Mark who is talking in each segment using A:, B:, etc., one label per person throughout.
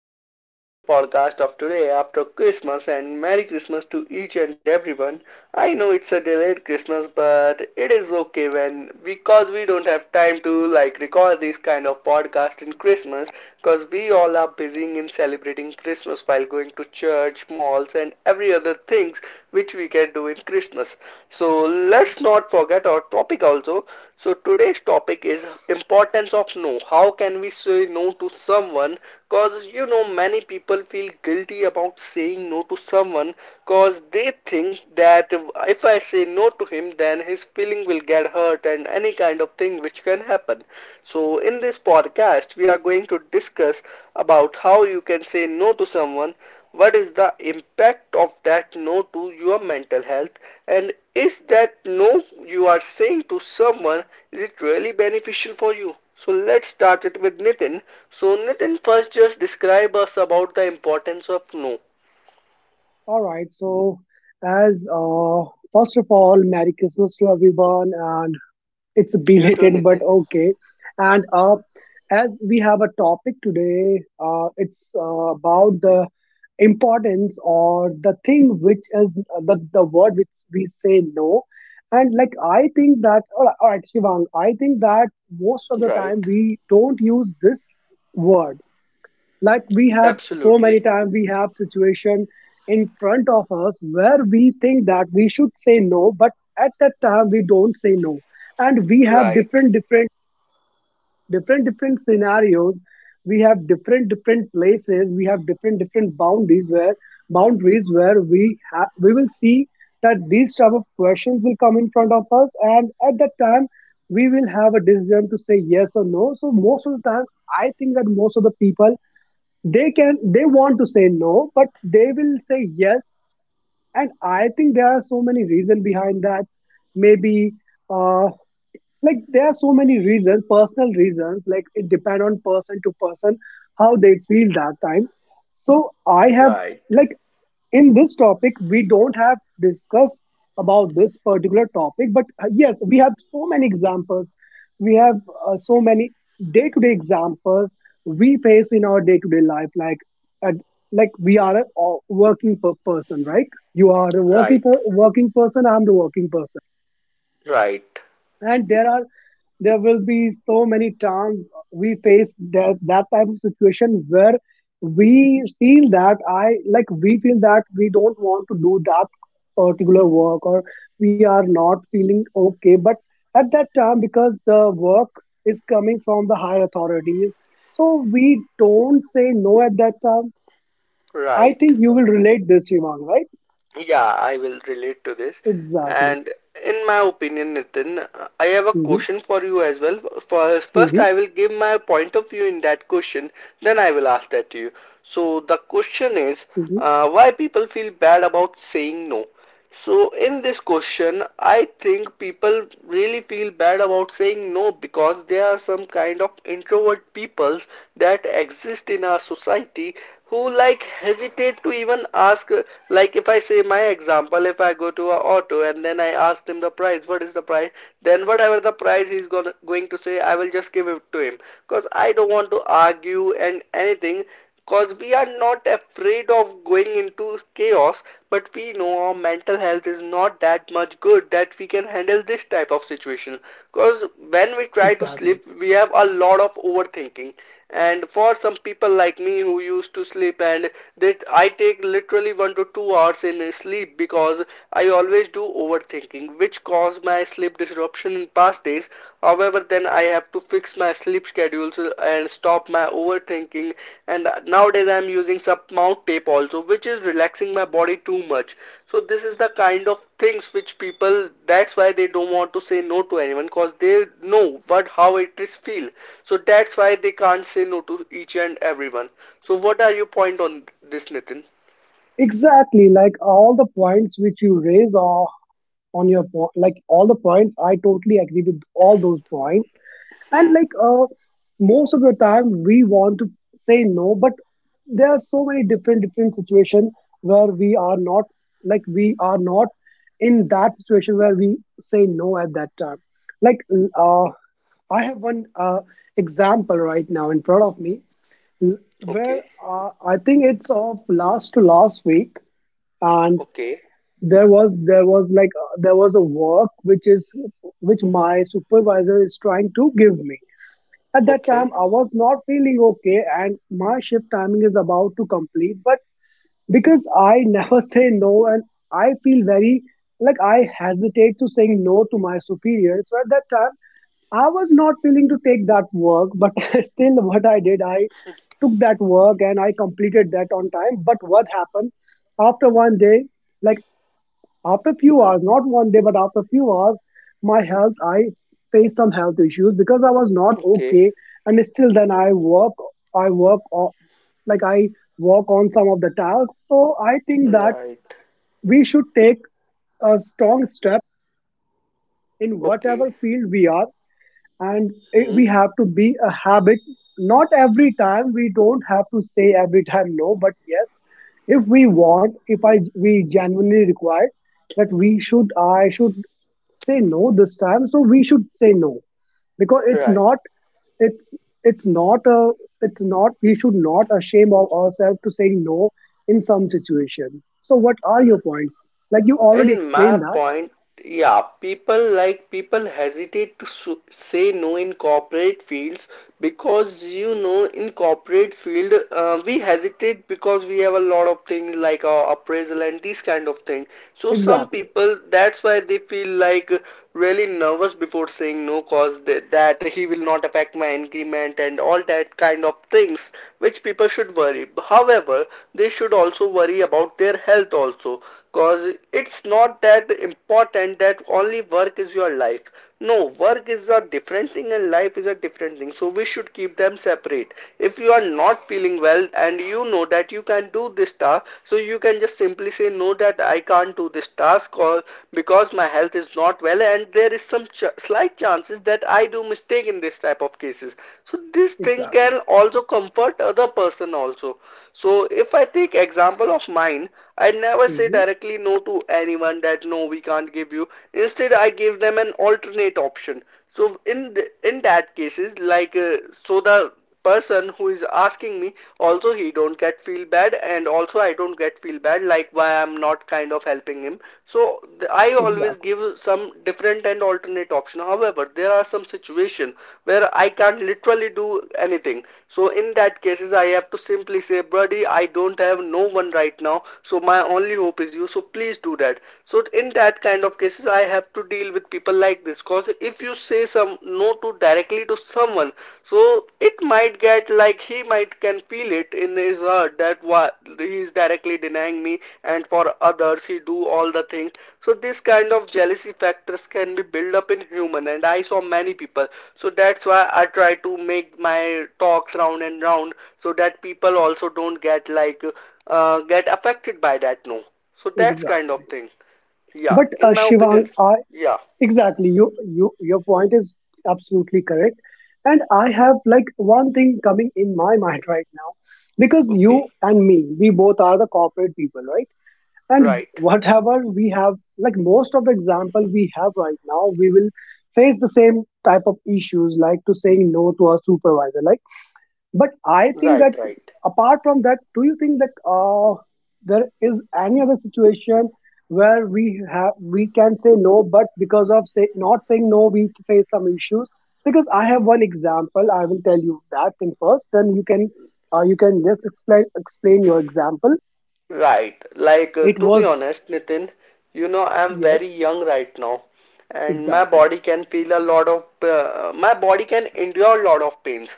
A: starting our new podcast of today after Christmas, and Merry Christmas to each and everyone. I know it's a delayed Christmas, but it is okay when, because we don't have time to like record this kind of podcast in Christmas because we all are busy in celebrating Christmas while going to church, malls, and every other things which we can do in Christmas. So let's not forget our topic also. So today's topic is importance of no. How can we say no to someone, cause you know many people feel guilty about saying no to someone, cause they think that if I say no to him then his feeling will get hurt and any kind of thing which can happen. So in this podcast we are going to discuss about how you can say no to someone, what is the impact of that no to your mental health, and is that no you are saying to someone, is it really beneficial for you? So let's start it with Nitin. So Nitin, first just describe us about the importance of no.
B: All right. So, as first of all, Merry Christmas to everyone, and it's
A: You too,
B: belated, but
A: Nitin.
B: okay. And as we have a topic today, it's about the importance or the thing which is the word which we say no. And like I think that, or actually, Shivang, I think that most of the time
A: Right.
B: we don't use this word, like we have so many
A: Absolutely.
B: times, we have situation in front of us where we think that we should say no, but at that time we don't say no, and we have
A: Right.
B: different different different different scenarios, we have different different places, we have different different boundaries where we have, we will see that these type of questions will come in front of us, and at that time we will have a decision to say yes or no. So most of the time I think that most of the people, they can, they want to say no, but they will say yes. And I think there are so many reasons behind that. Maybe uh like there are so many reasons, personal reasons, like it depend on person to person, how they feel that time. So I have,
A: Right.
B: like, in this topic we don't have discussed about this particular topic, but yes, we have so many examples, we have so many day-to-day examples we face in our day-to-day life. Like at, like we are a person, right? You are a
A: Right.
B: working person, I'm the working person,
A: Right.
B: and there are, there will be so many times we face that type of situation where we feel that I like we feel that we don't want to do that particular work, or we are not feeling okay. But at that time, because the work is coming from the higher authorities, so we don't say no at that time. I
A: Right.
B: think you will relate this, Shivang, right?
A: Yeah, I will relate to this.
B: Exactly.
A: And in my opinion, Nitin, I have a
B: Hmm.
A: question for you as well. First,
B: Hmm.
A: I will give my point of view in that question, then I will ask that to you. So, the question is,
B: Hmm.
A: why people feel bad about saying no? So in this question, I think people really feel bad about saying no because there are some kind of introvert peoples that exist in our society who like hesitate to even ask, like if I say my example, if I go to a auto and then I ask them the price, what is the price? Then whatever the price he's gonna going to say, I will just give it to him because I don't want to argue and anything, because we are not afraid of going into chaos, but we know our mental health is not that much good that we can handle this type of situation. Because when we try to
B: Exactly.
A: sleep, we have a lot of overthinking. And for some people like me who used to sleep, and that I take literally 1 to 2 hours in sleep because I always do overthinking, which cause my sleep disruption in past days. However, then I have to fix my sleep schedules and stop my overthinking. And nowadays I'm using some mount tape also, which is relaxing my body too much. So this is the kind of things which people, that's why they don't want to say no to anyone because they know what how it is feel. So that's why they can't say no to each and everyone. So what are your point on this, Nitin?
B: Exactly, like all the points which you raise are on your point, like all the points I totally agree with all those points. And
A: Hmm.
B: most of the time we want to say no, but there are so many different different situations where we are not, like we are not in that situation where we say no at that time. Like I have one example right now in front of me, l- where
A: Okay.
B: I think it's of last to last week, and
A: Okay.
B: there was, there was a work which is which my supervisor is trying to give me. At that time
A: Okay.
B: I was not feeling okay and my shift timing is about to complete, but because I never say no, and I feel very, like I hesitate to saying no to my superior. So at that time I was not willing to take that work, but still what I did, I took that work and I completed that on time. But what happened, after one day, like after a few hours, not one day, but after a few hours, my health, I faced some health issues because I was not
A: Okay.
B: okay. And still then I work on, like I work on some of the tasks. So I think that
A: Right.
B: we should take a strong step in whatever
A: Okay.
B: field we are, and
A: Hmm.
B: we have to be a habit. Not every time, we don't have to say every time no, but yes, if we want if I we genuinely required that we should I should say no this time, so we should say no, because
A: Right.
B: it's it's not a, it's not, we should not ashamed of ourselves to say no in some situation. So what are your points, like you already
A: And my
B: explained that.
A: point, yeah, people like people hesitate to say no in corporate fields because you know in corporate field, we hesitate because we have a lot of things like appraisal and these kind of things. So some
B: Exactly.
A: people, that's why they feel like really nervous before saying no, cause that he will not affect my increment and all that kind of things which people should worry, however they should also worry about their health also, cause it's not that important that only work is your life. No, work is a different thing and life is a different thing, so we should keep them separate. If you are not feeling well and you know that you can do this task, so you can just simply say no that I can't do this task, or because my health is not well and there is some slight chances that I do mistake in this type of cases. So this thing can
B: Exactly.
A: also comfort other person also. So if I take example of mine, I never say
B: Hmm.
A: directly no to anyone that no we can't give you. Instead I give them an alternate option. So in the, in that cases like, so the person who is asking me, also he don't get feel bad and also I don't get feel bad, like why I'm not kind of helping him. So I always
B: Exactly.
A: give some different and alternate option, however there are some situation where I can't literally do anything, so in that cases I have to simply say buddy, I don't have no one right now, so my only hope is you, so please do that. So in that kind of cases I have to deal with people like this, cause if you say some no to directly to someone, so it might get like he might can feel it in his heart that what he is directly denying me, and for others he do all the things. So this kind of jealousy factors can be built up in human, and I saw many people, so that's why I try to make my talks round and round so that people also don't get like, get affected by that no. So that's kind of
B: Exactly.
A: thing, yeah,
B: But
A: in my
B: Shivang,
A: opinion. Yeah.
B: exactly, your point is absolutely correct. And I have like one thing coming in my mind right now, because
A: Okay.
B: you and me, we both are the corporate people, right? And
A: Right,
B: whatever we have, like most of the example we have right now, we will face the same type of issues, like to saying no to our supervisor. Like, but I think that
A: right, right,
B: apart from that, do you think that there is any other situation where we can say no, but because of say not saying no, we face some issues? Because I have one example, I will tell you that thing first. Then you can just explain your example.
A: right. Like,
B: It
A: to be
B: was,
A: honest, Nitin, you know, I'm very
B: yes,
A: young right now. And my
B: exactly,
A: body can feel a lot of, my body can endure a lot of pains.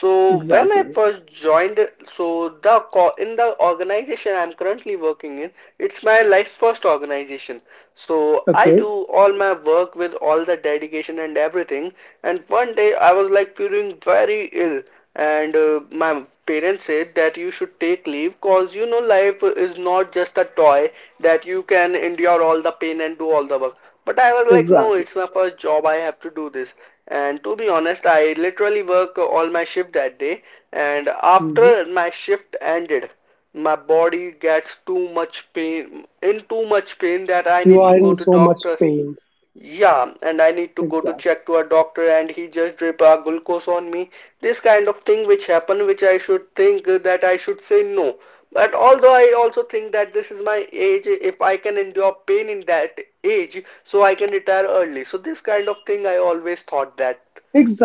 A: So when I
B: exactly,
A: first joined, so in the organization I'm currently working in, it's my life's first organization, so I
B: okay,
A: do all my work with all the dedication and everything. And one day I was like feeling very ill, and my parents said that you should take leave, cause you know life is not just a toy that you can endure all the pain and do all the work. But I was like, no,
B: exactly.
A: it's my first job. I have to do this. And to be honest, I literally work all my shift that day. And
B: Mhm.
A: after my shift ended, my body gets too much pain, in too much pain that I
B: You
A: need to
B: are
A: go
B: in
A: to
B: so much
A: doctor.
B: pain,
A: Yeah, and I need to go to
B: exactly.
A: check to a doctor and he just drip a glucose on me. This kind of thing which happen, which I should think that I should say no. But although I also think that this is my age, if I can endure pain in that age, so I can retire early. So this kind of thing I always thought that.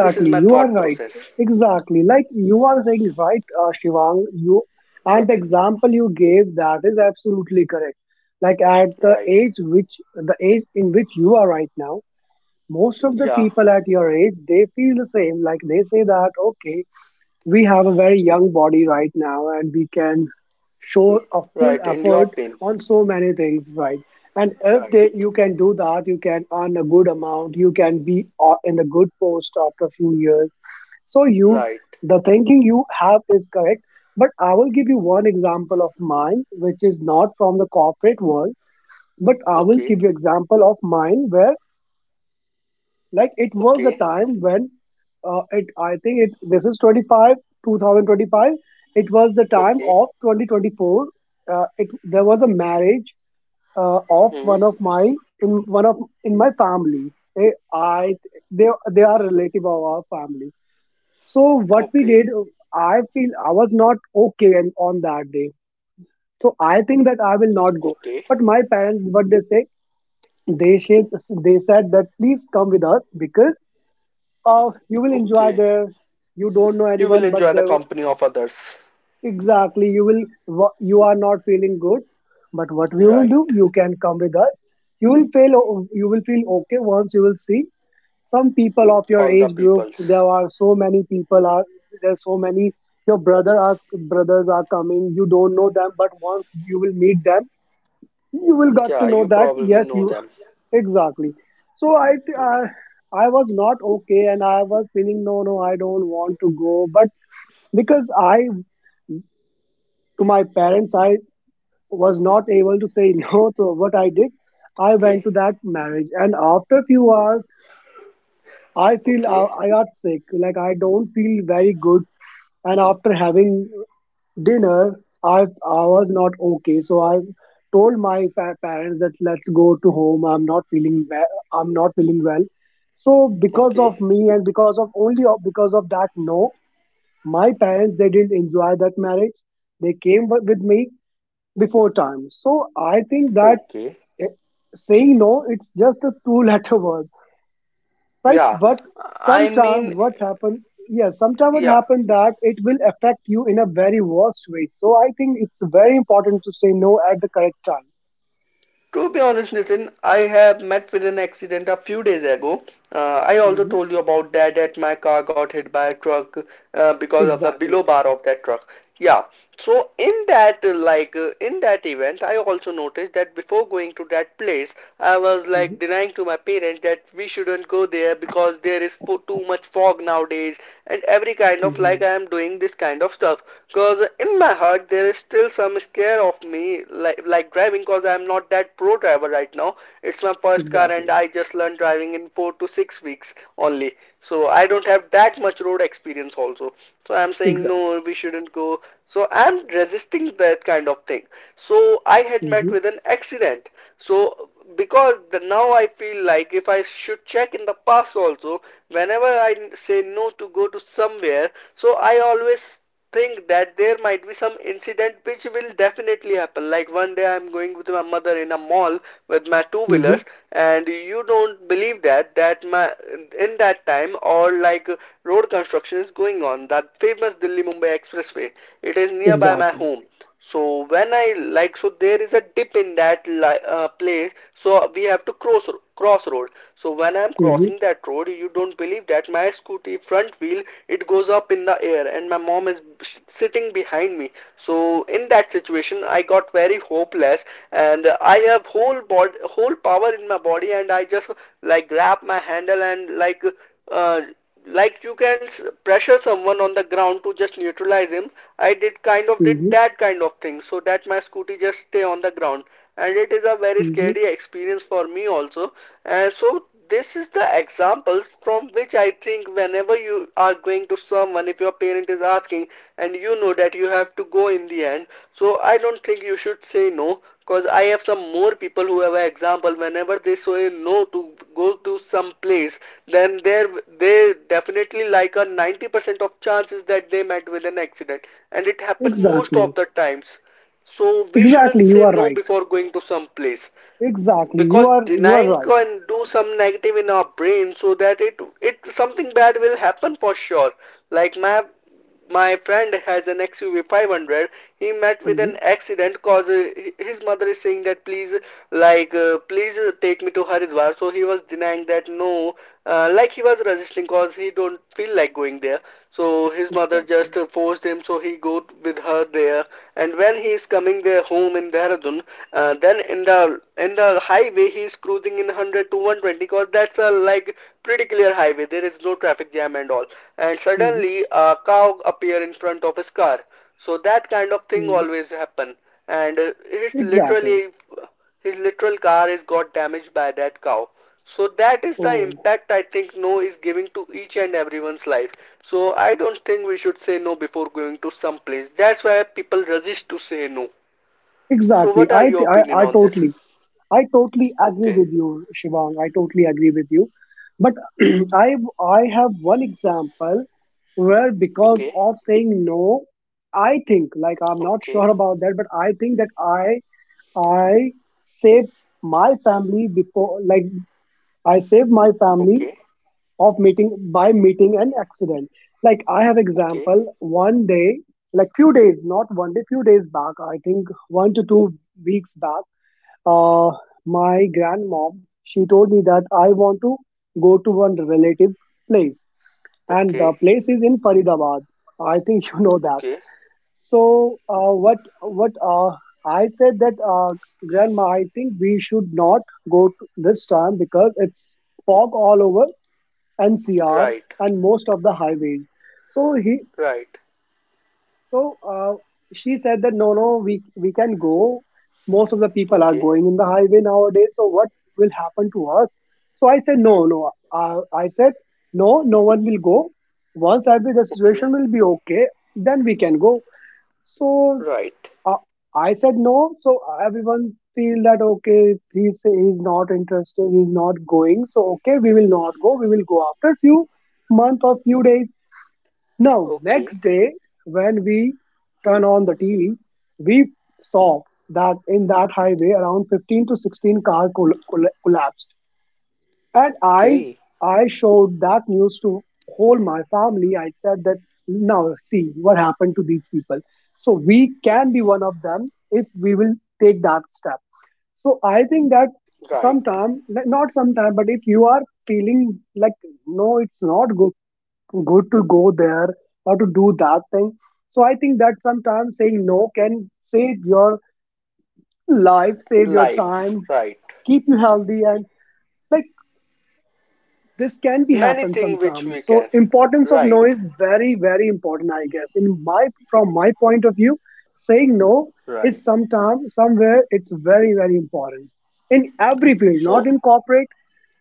A: This is my
B: you are
A: thought
B: right.
A: process.
B: Exactly, like you are saying, right, Shivang. You and the
A: Right,
B: example you gave, that is absolutely correct. Like at the
A: right.
B: age which the age in which you are right now, most of the
A: Yeah,
B: people at your age they feel the same. Like they say that okay, we have a very young body right now and we can show a full
A: right. Endure
B: effort
A: pain.
B: on so many things, right? And
A: Right,
B: if they, you can do that, you can earn a good amount, you can be in the good post after a few years. So you
A: right.
B: the thinking you have is correct, but I will give you one example of mine which is not from the corporate world. But I will
A: Okay,
B: give you example of mine where, like it was a
A: okay,
B: time when it I think it this is 25 2025, it was the time
A: okay.
B: of 2024. It there was a marriage of
A: Hmm.
B: one of my, in one of, in my family they they are relative of our family. So what we
A: Okay,
B: did, I feel I was not okay and on that day, so I think that I will not go.
A: okay.
B: But my parents, what they say, they said they said that please come with us because oh, you will enjoy
A: Okay.
B: there. You don't know
A: You will
B: anyone, but
A: enjoy the company of others.
B: exactly you will. You are not feeling good, but what we will
A: Right.
B: do, you can come with us. You will feel okay once you will see some people of your
A: All the
B: age group.
A: peoples.
B: There are so many people are there. Are So many your brother are brothers are coming. You don't know them, but once you will meet them, you will got
A: Yeah,
B: to know
A: you
B: that
A: probably
B: yes,
A: know
B: you,
A: them.
B: exactly. So I was not okay and I was feeling no, no, I don't want to go. But because I to my parents I was not able to say no, so what I did, I went
A: Okay.
B: to that marriage. And after few hours I feel
A: Okay.
B: I got sick, like I don't feel very good. And after having dinner, i I was not okay, so I told my parents that let's go to home, I'm not feeling well, I'm not feeling well. So because
A: Okay.
B: of me, and because of because of that no, my parents they didn't enjoy that marriage, they came with me before time. So I think that
A: Okay.
B: eh, saying no, it's just a two letter word, right?
A: Yeah.
B: But
A: I
B: sometime
A: mean,
B: what happened, yeah, sometime what
A: yeah.
B: happened, that it will affect you in a very worst way. So I think it's very important to say no at the correct time.
A: To be honest, Nitin, I have met with an accident a few days ago. I also
B: Hmm.
A: told you about that, that my car got hit by a truck, because of the
B: Exactly.
A: below bar of that truck. Yeah. So in that, in that event, I also noticed that before going to that place, I was
B: Hmm.
A: like denying to my parents that we shouldn't go there because there is fo too much fog nowadays, and every kind of like
B: Hmm.
A: I am doing this kind of stuff. Because in my heart, there is still some care of me like driving because I'm not that pro driver right now. It's my first car and
B: Exactly.
A: I just learned driving in 4 to 6 weeks only. So I don't have that much road experience also. So I'm saying
B: Exactly.
A: no, we shouldn't go. So I'm resisting that kind of thing. So I had met
B: Hmm.
A: with an accident. So because the, now I feel like if I should check in the past also, whenever I say no to go to somewhere, so I always think that there might be some incident which will definitely happen. Like one day I'm going with my mother in a mall with my two
B: Hmm.
A: wheelers, and you don't believe that that my in that time or like, road construction is going on that famous Delhi Mumbai expressway. It is nearby my
B: Exactly.
A: home, so when I like so there is a dip in that place, so we have to crossroad. So when I'm
B: Hmm.
A: crossing that road, you don't believe that my scooty front wheel, it goes up in the air and my mom is sitting behind me. So in that situation, I got very hopeless and I have whole power in my body, and I just like grab my handle and uh, like you can pressure someone on the ground to just neutralize him. I did kind of did
B: Hmm.
A: that kind of thing so that my scooty just stay on the ground, and it is a very
B: Hmm.
A: scary experience for me also. And so this is the examples from which I think whenever you are going to someone, if your parent is asking and you know that you have to go in the end. So I don't think you should say no, because I have some more people who have an example whenever they say no to go to some place, then there they definitely like a 90% of chances that they met with an accident, and it happened most
B: Exactly.
A: of the times. So we shouldn't
B: Exactly, you
A: say
B: are
A: no
B: right.
A: before going to some place,
B: Exactly,
A: because
B: you are
A: denying
B: right.
A: can do some negative in our brain, so that it something bad will happen for sure. Like my friend has an XUV 500. He met with an
B: Hmm.
A: accident, cause his mother is saying that, please, please take me to Haridwar. So he was denying that no, like he was resisting cause he don't feel like going there. So his mother
B: Exactly.
A: just forced him, so he go with her there. And when he is coming there home in Dehradun, then in the highway, he is cruising in 100 to 120, because that's a like pretty clear highway. There is no traffic jam and all. And
B: Hmm.
A: suddenly a cow appear in front of his car. So that kind of thing
B: Hmm.
A: always happen. And it's
B: Exactly.
A: literally, his literal car is got damaged by that cow. So that is the
B: Oh.
A: impact I think no is giving to each and everyone's life. So I don't think we should say no before going to some place. That's why people resist to say no. So
B: Exactly.
A: what are your opinion
B: I
A: on this?
B: totally, I totally agree
A: Okay,
B: with you, Shivang. I totally agree with you. But I I have one example where, because
A: okay,
B: of saying no, I think, like I'm not
A: okay,
B: sure about that, but I think that I save my family before, like I save my family
A: okay,
B: of meeting by meeting an accident. Like I have
A: okay,
B: example one day, like few days, not one day, few days back. I think 1 to 2 weeks back. Uh, my grandmom, she told me that I want to go to one relative place, and the
A: okay,
B: place is in Faridabad. I think you know that.
A: okay,
B: So what I said that grandma, I think we should not go to this time because it's fog all over NCR
A: right,
B: and most of the highways. So he
A: right,
B: so she said that no, no, we can go. Most of the people are
A: okay,
B: going in the highway nowadays. So what will happen to us? So I said no, no. I said no, no one will go. Once I be the
A: okay,
B: situation will be okay, then we can go. So
A: right,
B: uh, I said no. So everyone feel that okay, he's not interested, he's not going. So okay, we will not go. We will go after few month or few days. Now,
A: okay,
B: next day, when we turn on the TV, we saw that in that highway, around 15 to 16 car collapsed. And I,
A: okay,
B: I showed that news to whole my family. I said that now see what happened to these people. So we can be one of them if we will take that step. So I think that
A: right,
B: sometime, not sometime, but if you are feeling like no, it's not good to go there or to do that thing. So I think that sometimes saying no can save your life, save your
A: life,
B: time,
A: right.
B: keep you healthy, and like this can be
A: Many
B: happen
A: things which
B: sometimes.
A: we
B: So
A: can,
B: importance of no
A: right,
B: is very very important, I guess. In my from my point of view, saying no
A: right.
B: is sometimes somewhere it's very very important in every field, not
A: So,
B: in corporate,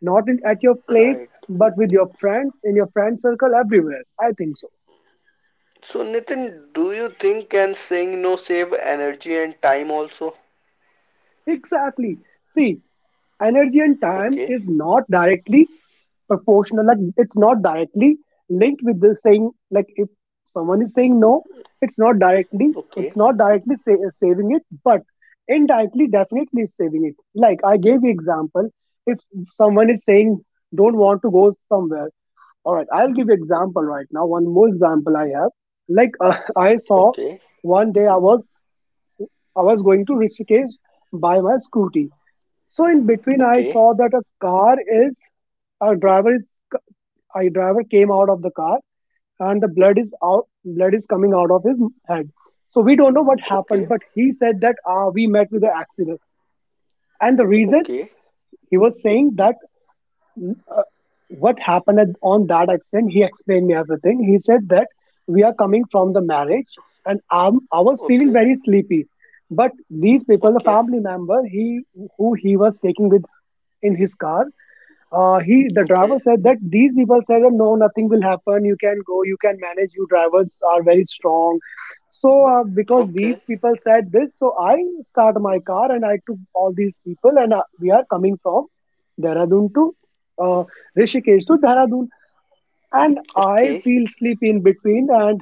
B: not in at your place,
A: right.
B: but with your friends in your friend circle everywhere. I think so.
A: So, Nitin, do you think can saying no save energy and time also?
B: Exactly. See, energy and time
A: Okay,
B: is not directly proportional. Like it's not directly linked with the saying. Like if someone is saying no, it's not directly.
A: okay,
B: It's not directly saving it, but indirectly, definitely is saving it. Like I gave you example. If someone is saying don't want to go somewhere, all right. I'll give you example right now. One more example I have. Like I saw
A: okay,
B: one day I was going to Rishikesh by my scooty. So in between, I
A: okay,
B: saw that a car is is a driver came out of the car and the blood is coming out of his head. So we don't know what happened,
A: okay,
B: but he said that we met with an accident, and the reason
A: okay,
B: he was saying that uh, what happened on that accident he explained me everything. He said that we are coming from the marriage, and I was feeling
A: okay,
B: very sleepy, but these people, the
A: okay,
B: family member, he was taking with in his car. He The driver
A: okay,
B: said that these people said that no, nothing will happen, you can go, you can manage, you drivers are very strong. So because
A: okay,
B: these people said this, so I start my car and I took all these people, and we are coming from Dehradun to uh, Rishikesh to Dehradun, and I
A: okay.
B: feel sleepy in between, and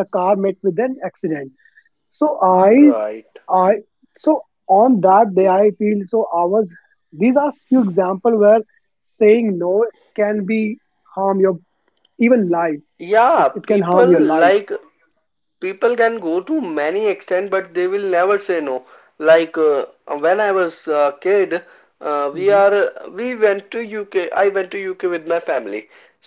B: the car met with an accident. So
A: Right.
B: I so on that day I feel so I was these are few example where saying no can be harm your even life. It,
A: Yeah,
B: it can harm
A: people,
B: your life.
A: like, people can go to many extent, but they will never say no. like uh, when I was a kid,
B: Hmm.
A: we went to UK. I went to UK with my family.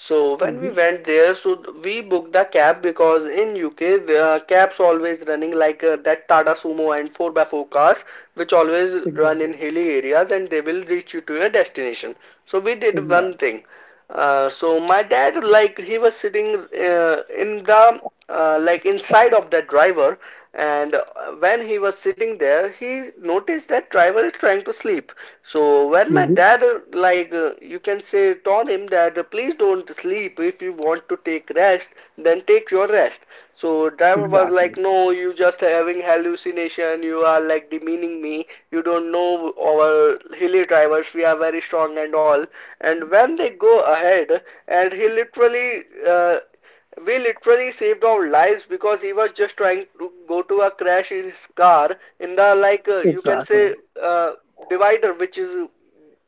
A: So when we
B: Hmm.
A: went there, so we booked a cab, because in UK, the cabs always running that Tata Sumo and 4 by 4 cars, which always run in
B: Exactly.
A: hilly areas, and they will reach you to your destination. So we did one
B: Exactly.
A: thing, so my dad, like, he was sitting uh, in the, like, inside of that driver. And when he was sitting there, he noticed that driver is trying to sleep. So when my
B: Hmm.
A: dad, you can say told him that, please don't sleep, if you want to take rest, then take your rest. So driver was like,
B: Exactly.
A: no, you just having hallucination, you are like demeaning me, you don't know our hilly drivers, we are very strong and all. And when they go ahead, and he literally, we literally saved our lives, because he was just trying to go to a crash in his car in the, you can
B: Exactly.
A: say uh, divider,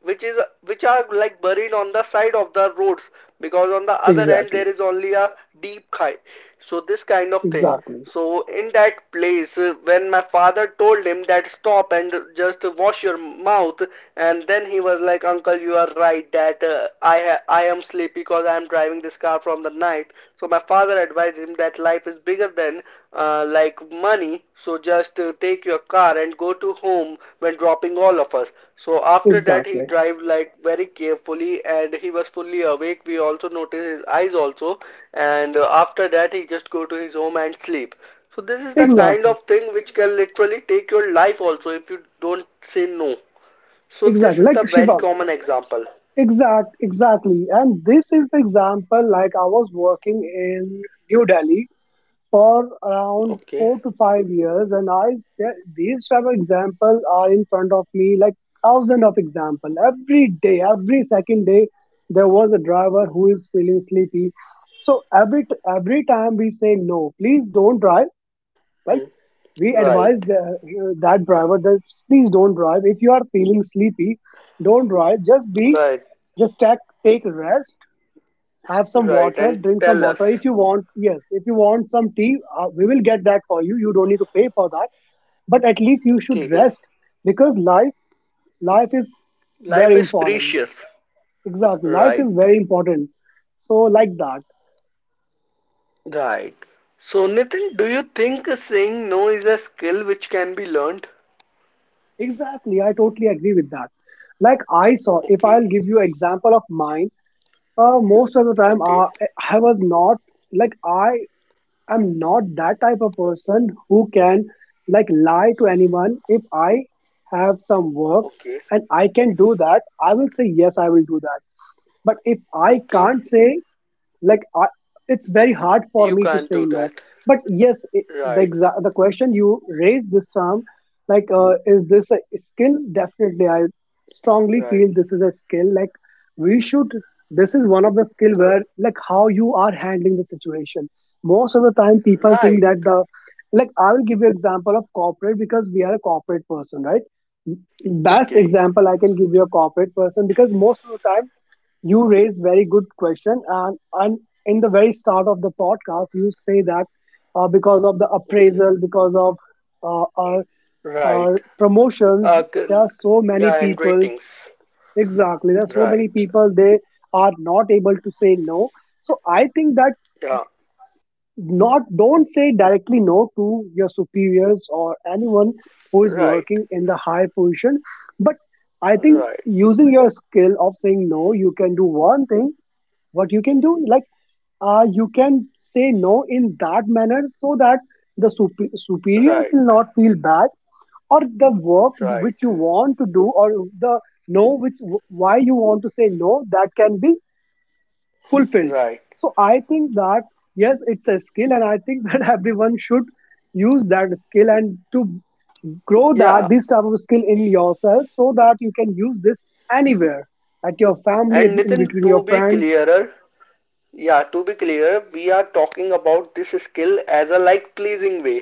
A: which are like buried on the side of the roads, because on the other end
B: Exactly.
A: there is only a deep khai. So this kind of thing.
B: Exactly.
A: So in that place, when my father told him that stop and just wash your mouth, and then he was like, "Uncle, you are right. That I am sleepy because I am driving this car from the night." So my father advised him that life is bigger than like money. So just take your car and go to home when dropping all of us. So after that, he
B: Exactly.
A: drive like very carefully and he was fully awake. We also noticed his eyes also. And after that, he just go to his home and sleep. So this is the kind
B: Exactly.
A: of thing which can literally take your life also, if you don't say no. So this
B: Exactly.
A: is the
B: Like
A: very
B: Shiva.
A: common example.
B: Exactly. And this is the example. Like I was working in New Delhi for around
A: Okay.
B: 4 to 5 years, and these type of examples are in front of me, like thousand of example every day, every second day. There was a driver who is feeling sleepy, so every time we say no, please don't drive. Right?
A: Hmm.
B: We advise
A: Right.
B: that driver that please don't drive. If you are feeling sleepy, don't drive. Just be
A: Right.
B: just take take rest, have some
A: Right.
B: water,
A: And
B: drink some
A: tell
B: water. If
A: us.
B: you want, yes, if you want some tea, we will get that for you. You don't need to pay for that. But at least you should
A: ठीक है.
B: rest because life is very
A: Life is
B: important.
A: precious.
B: Exactly, life is
A: Right.
B: very important. So like that.
A: Right. So, Nitin, do you think saying no is a skill which can be learned?
B: Exactly, I totally agree with that. Like I saw, if I'll
A: Okay,
B: give you example of mine, most of the time I,
A: okay,
B: I was not like I'm not that type of person who can like lie to anyone. If I have some work
A: okay,
B: and I can do that, I will say yes, I will do that. But if I
A: okay.
B: can't say like it's very hard for
A: You
B: me to
A: can't
B: say
A: do
B: no.
A: that.
B: But yes, it, the
A: Right,
B: exa- the question you raised, this term, like is this a skill? Definitely I strongly
A: right,
B: feel this is a skill. Like we should, this is one of the skill
A: R-
B: where like how you are handling the situation. Most of the time people think
A: right.
B: that the like I will give you example of corporate because we are a corporate person, right? Best
A: Okay,
B: example I can give you, a corporate person, because most of the time you raise very good question, and in the very start of the podcast you say that because of the
A: okay,
B: appraisal, because of uh, our,
A: right.
B: our promotions,
A: Uh,
B: there
A: c-
B: are so many
A: yeah, and
B: people.
A: ratings.
B: Exactly, there are so many
A: Right,
B: people, they are not able to say no. So I think that
A: yeah,
B: not don't say directly no to your superiors or anyone who is
A: right,
B: working in the high position. But I think
A: right,
B: using your skill of saying no, you can do one thing. What you can do, like you can say no in that manner so that the superior
A: right,
B: will not feel bad, or the work which
A: right,
B: you want to do, or the no which why you want to say no, that can be fulfilled.
A: right.
B: So I think that yes, it's a skill, and I think that everyone should use that skill and to grow that
A: Yeah,
B: this type of skill in yourself so that you can use this anywhere, at your family,
A: and
B: in
A: Nitin,
B: between
A: to
B: your
A: be
B: friends.
A: clearer, yeah, to be clear, we are talking about this skill as a like pleasing way,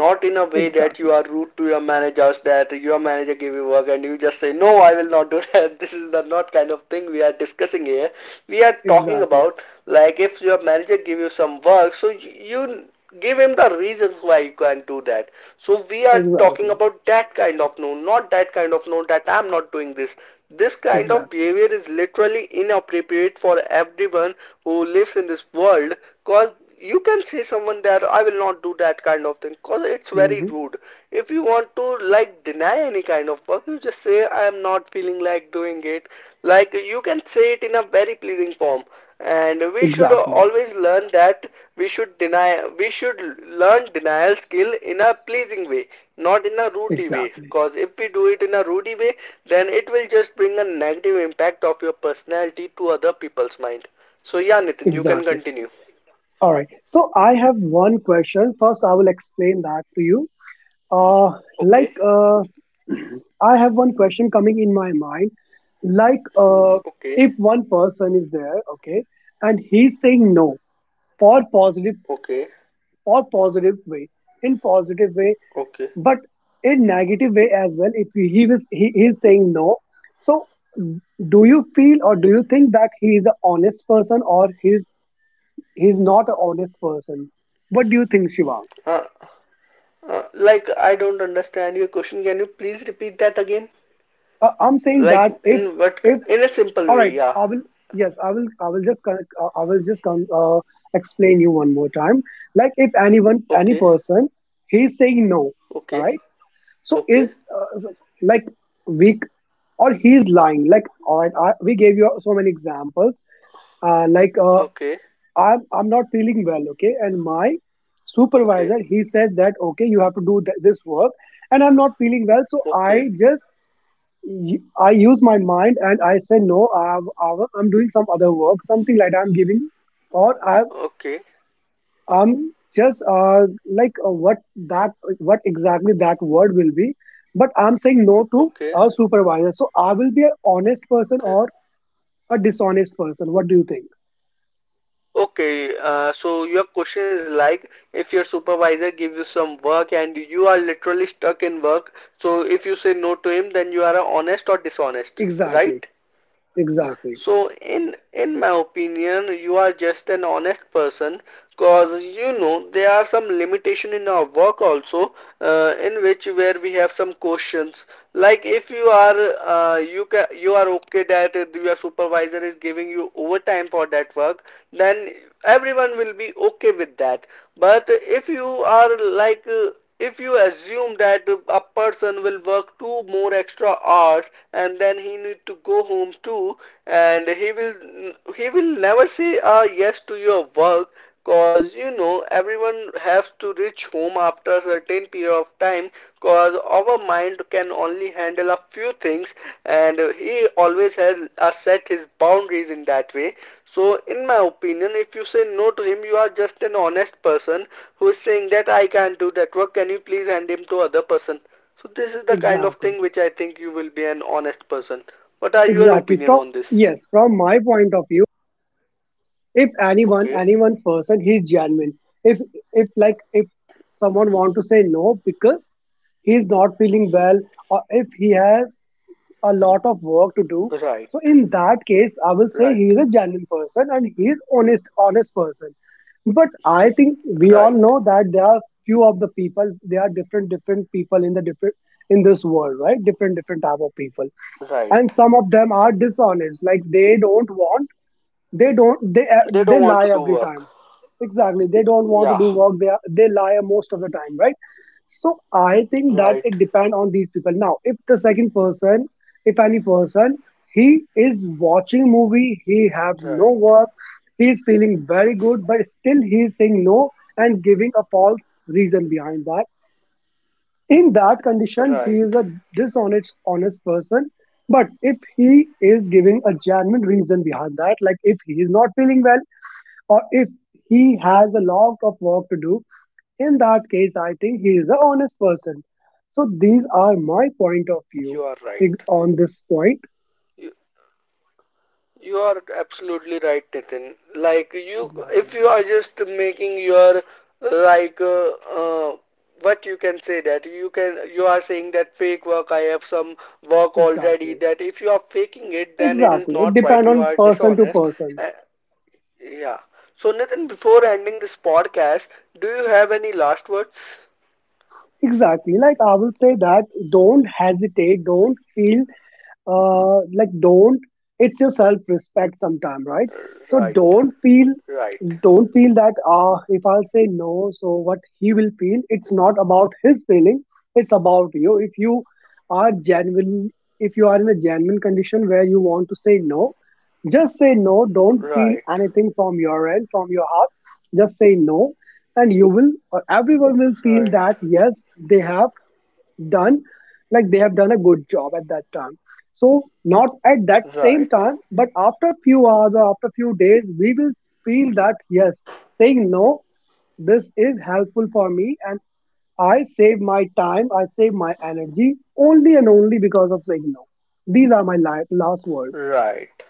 A: not in a way that you
B: Exactly.
A: are rude to your managers, that your manager gave you work and you just say no, I will not do that. This is the not kind of thing we are discussing here. We are talking
B: Exactly.
A: about, like, if your manager give you some work, so you give him the reasons why you can't do that. So we are talking
B: Exactly.
A: about that kind of no, not that kind of no, that I'm not doing this. This kind of
B: Exactly.
A: behavior is literally inappropriate for everyone who lives in this world, because you can say someone that I will not do that kind of thing, because it's very
B: Hmm.
A: rude. If you want to, like, deny any kind of work, you just say, I am not feeling like doing it. Like, you can say it in a very pleasing form, and we should
B: Exactly.
A: always learn that. We should deny, we should learn denial skill in a pleasing way, not in a rudely way,
B: Exactly.
A: because if we do it in a rudely way, then it will just bring a negative impact of your personality to other people's mind. So yeah, Nitin, you can
B: Exactly.
A: continue.
B: All right. So I have one question. First, I will explain that to you. Uh,
A: Okay.
B: like, I have one question coming in my mind. Like,
A: Okay,
B: if one person is there, okay, and he's saying no for positive,
A: okay,
B: for positive way, in positive way,
A: okay.
B: but in negative way as well, if he is saying no, so do you feel or do you think that he is an honest person, or he's not an honest person? What do you think, Shivang?
A: Uh, like, I don't understand your question. Can you please repeat that again?
B: I'm saying
A: Like,
B: that if
A: in a simple
B: all
A: way?
B: right,
A: Yeah.
B: I will. Yes, I will. I will just con- I will just con- Explain you one more time. Like if anyone, any
A: Okay,
B: person, he's saying no, all
A: okay,
B: right, so
A: okay,
B: is so, like we, or he's lying. Like, alright, we gave you so many examples. Like
A: okay,
B: I'm not feeling well, okay, and my
A: okay,
B: supervisor, he said that okay, you have to do this work, and I'm not feeling well, so I
A: okay,
B: just, I use my mind and I say no. I'm doing some other work, something like that. I'm giving, or I
A: okay,
B: I'm just like that what exactly that word will be. But I'm saying no to
A: okay,
B: a supervisor, so I will be an honest person
A: okay.
B: or a dishonest person. What do you think?
A: Okay, so your question is like, if your supervisor gives you some work and you are literally stuck in work, so if you say no to him, then you are honest or dishonest,
B: Exactly,
A: right?
B: exactly,
A: So, in my opinion, you are just an honest person, because you know there are some limitation in our work also, in which where we have some questions. Like, if you are, you are okay that your supervisor is giving you overtime for that work, then everyone will be okay with that. But if you are if you assume that a person will work two more extra hours, and then he need to go home too, and he will, he will never say yes to your work, cause you know everyone has to reach home after a certain period of time, because our mind can only handle a few things, and he always has set his boundaries in that way. So in my opinion, if you say no to him, you are just an honest person who is saying that, I can't do that work, can you please hand him to other person. So this is the kind of
B: exactly,
A: thing which I think you will be an honest person. What are your
B: exactly.
A: opinion
B: From
A: on this?
B: yes, from my point of view, if anyone,
A: Okay,
B: any one person, he's genuine. If if like if someone want to say no because he's not feeling well, or if he has a lot of work to do,
A: right,
B: so in that case, I will say
A: right,
B: he is a genuine person, and he is honest person. But I think we all
A: right,
B: know that there are few of the people, there are different different people in the different in this world, right? Different different type of people,
A: right.
B: and some of them are dishonest. Like they don't want, they don't
A: They
B: they
A: don't want
B: lie
A: to do
B: every
A: work.
B: time. Exactly, they don't want to
A: Yeah,
B: do work, they lie most of the time, right? So I think that
A: right,
B: it depend on these people. Now if any person, he is watching movie, he have no
A: right.
B: work, he is feeling very good, but still he is saying no and giving a false reason behind that, in that condition he
A: Right.
B: is a dishonest honest person. But if he is giving a genuine reason behind that, like if he is not feeling well, or if he has a lot of work to do, in that case I think he is an honest person. So these are my point of view
A: You are right.
B: on this point.
A: You, you are absolutely right, Nitin. Like, you, if
B: Exactly,
A: you are just making your, like uh, uh, what you can say, that you can, you are saying that fake work, I have some work already.
B: exactly,
A: That if you are faking it, then it is
B: exactly. It
A: not right.
B: depend
A: You
B: on
A: are
B: person to
A: dishonest.
B: person.
A: Uh, yeah. So Nitin, before ending this podcast, do you have any last words?
B: Exactly, like I will say that don't hesitate, don't feel, like don't it's your self respect sometime, right? So
A: Right.
B: don't feel,
A: Right.
B: don't feel that if I'll say no, so what he will feel, it's not about his feeling, it's about you. If you are genuine, if you are in a genuine condition where you want to say no, just say no. Don't feel
A: Right.
B: anything from your end, from your heart. Just say no, and you will or everyone will feel
A: Right.
B: that yes, they have done like they have done a good job at that time. So not at that same
A: Right.
B: time, but after few hours or after few days we will feel that yes, saying no, this is helpful for me, and I save my time, I save my energy, only and only because of saying no. These are my last words.
A: Right.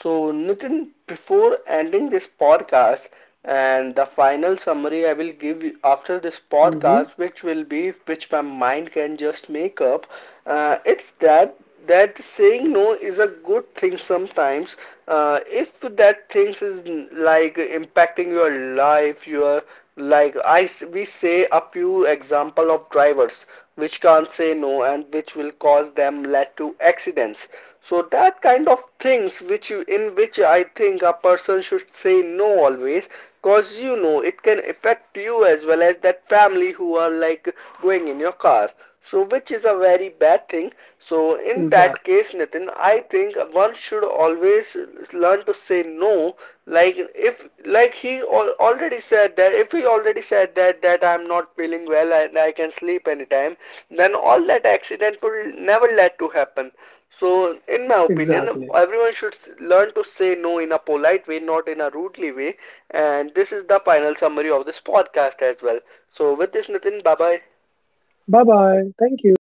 A: So, Nitin, before ending this podcast, and the final summary I will give you after this
B: Hmm.
A: podcast, which will be, which my mind can just make up, it's that saying no is a good thing sometimes. If that things is like impacting your life, your, I we say a few example of drivers which can't say no, and which will cause them lead to accidents. So that kind of things which you, in which I think a person should say no always, cause you know it can affect you as well as that family who are like going in your car, so which is a very bad thing. So in
B: Exactly.
A: that case, Nitin, I think one should always learn to say no. Like, if like he al- already said that if he already said that I'm not feeling well and I can sleep anytime, then all that accident will never let to happen. So, in my opinion,
B: Exactly.
A: everyone should learn to say no in a polite way, not in a rudely way. And this is the final summary of this podcast as well. So, with this, Nitin, bye bye.
B: Bye bye, thank you.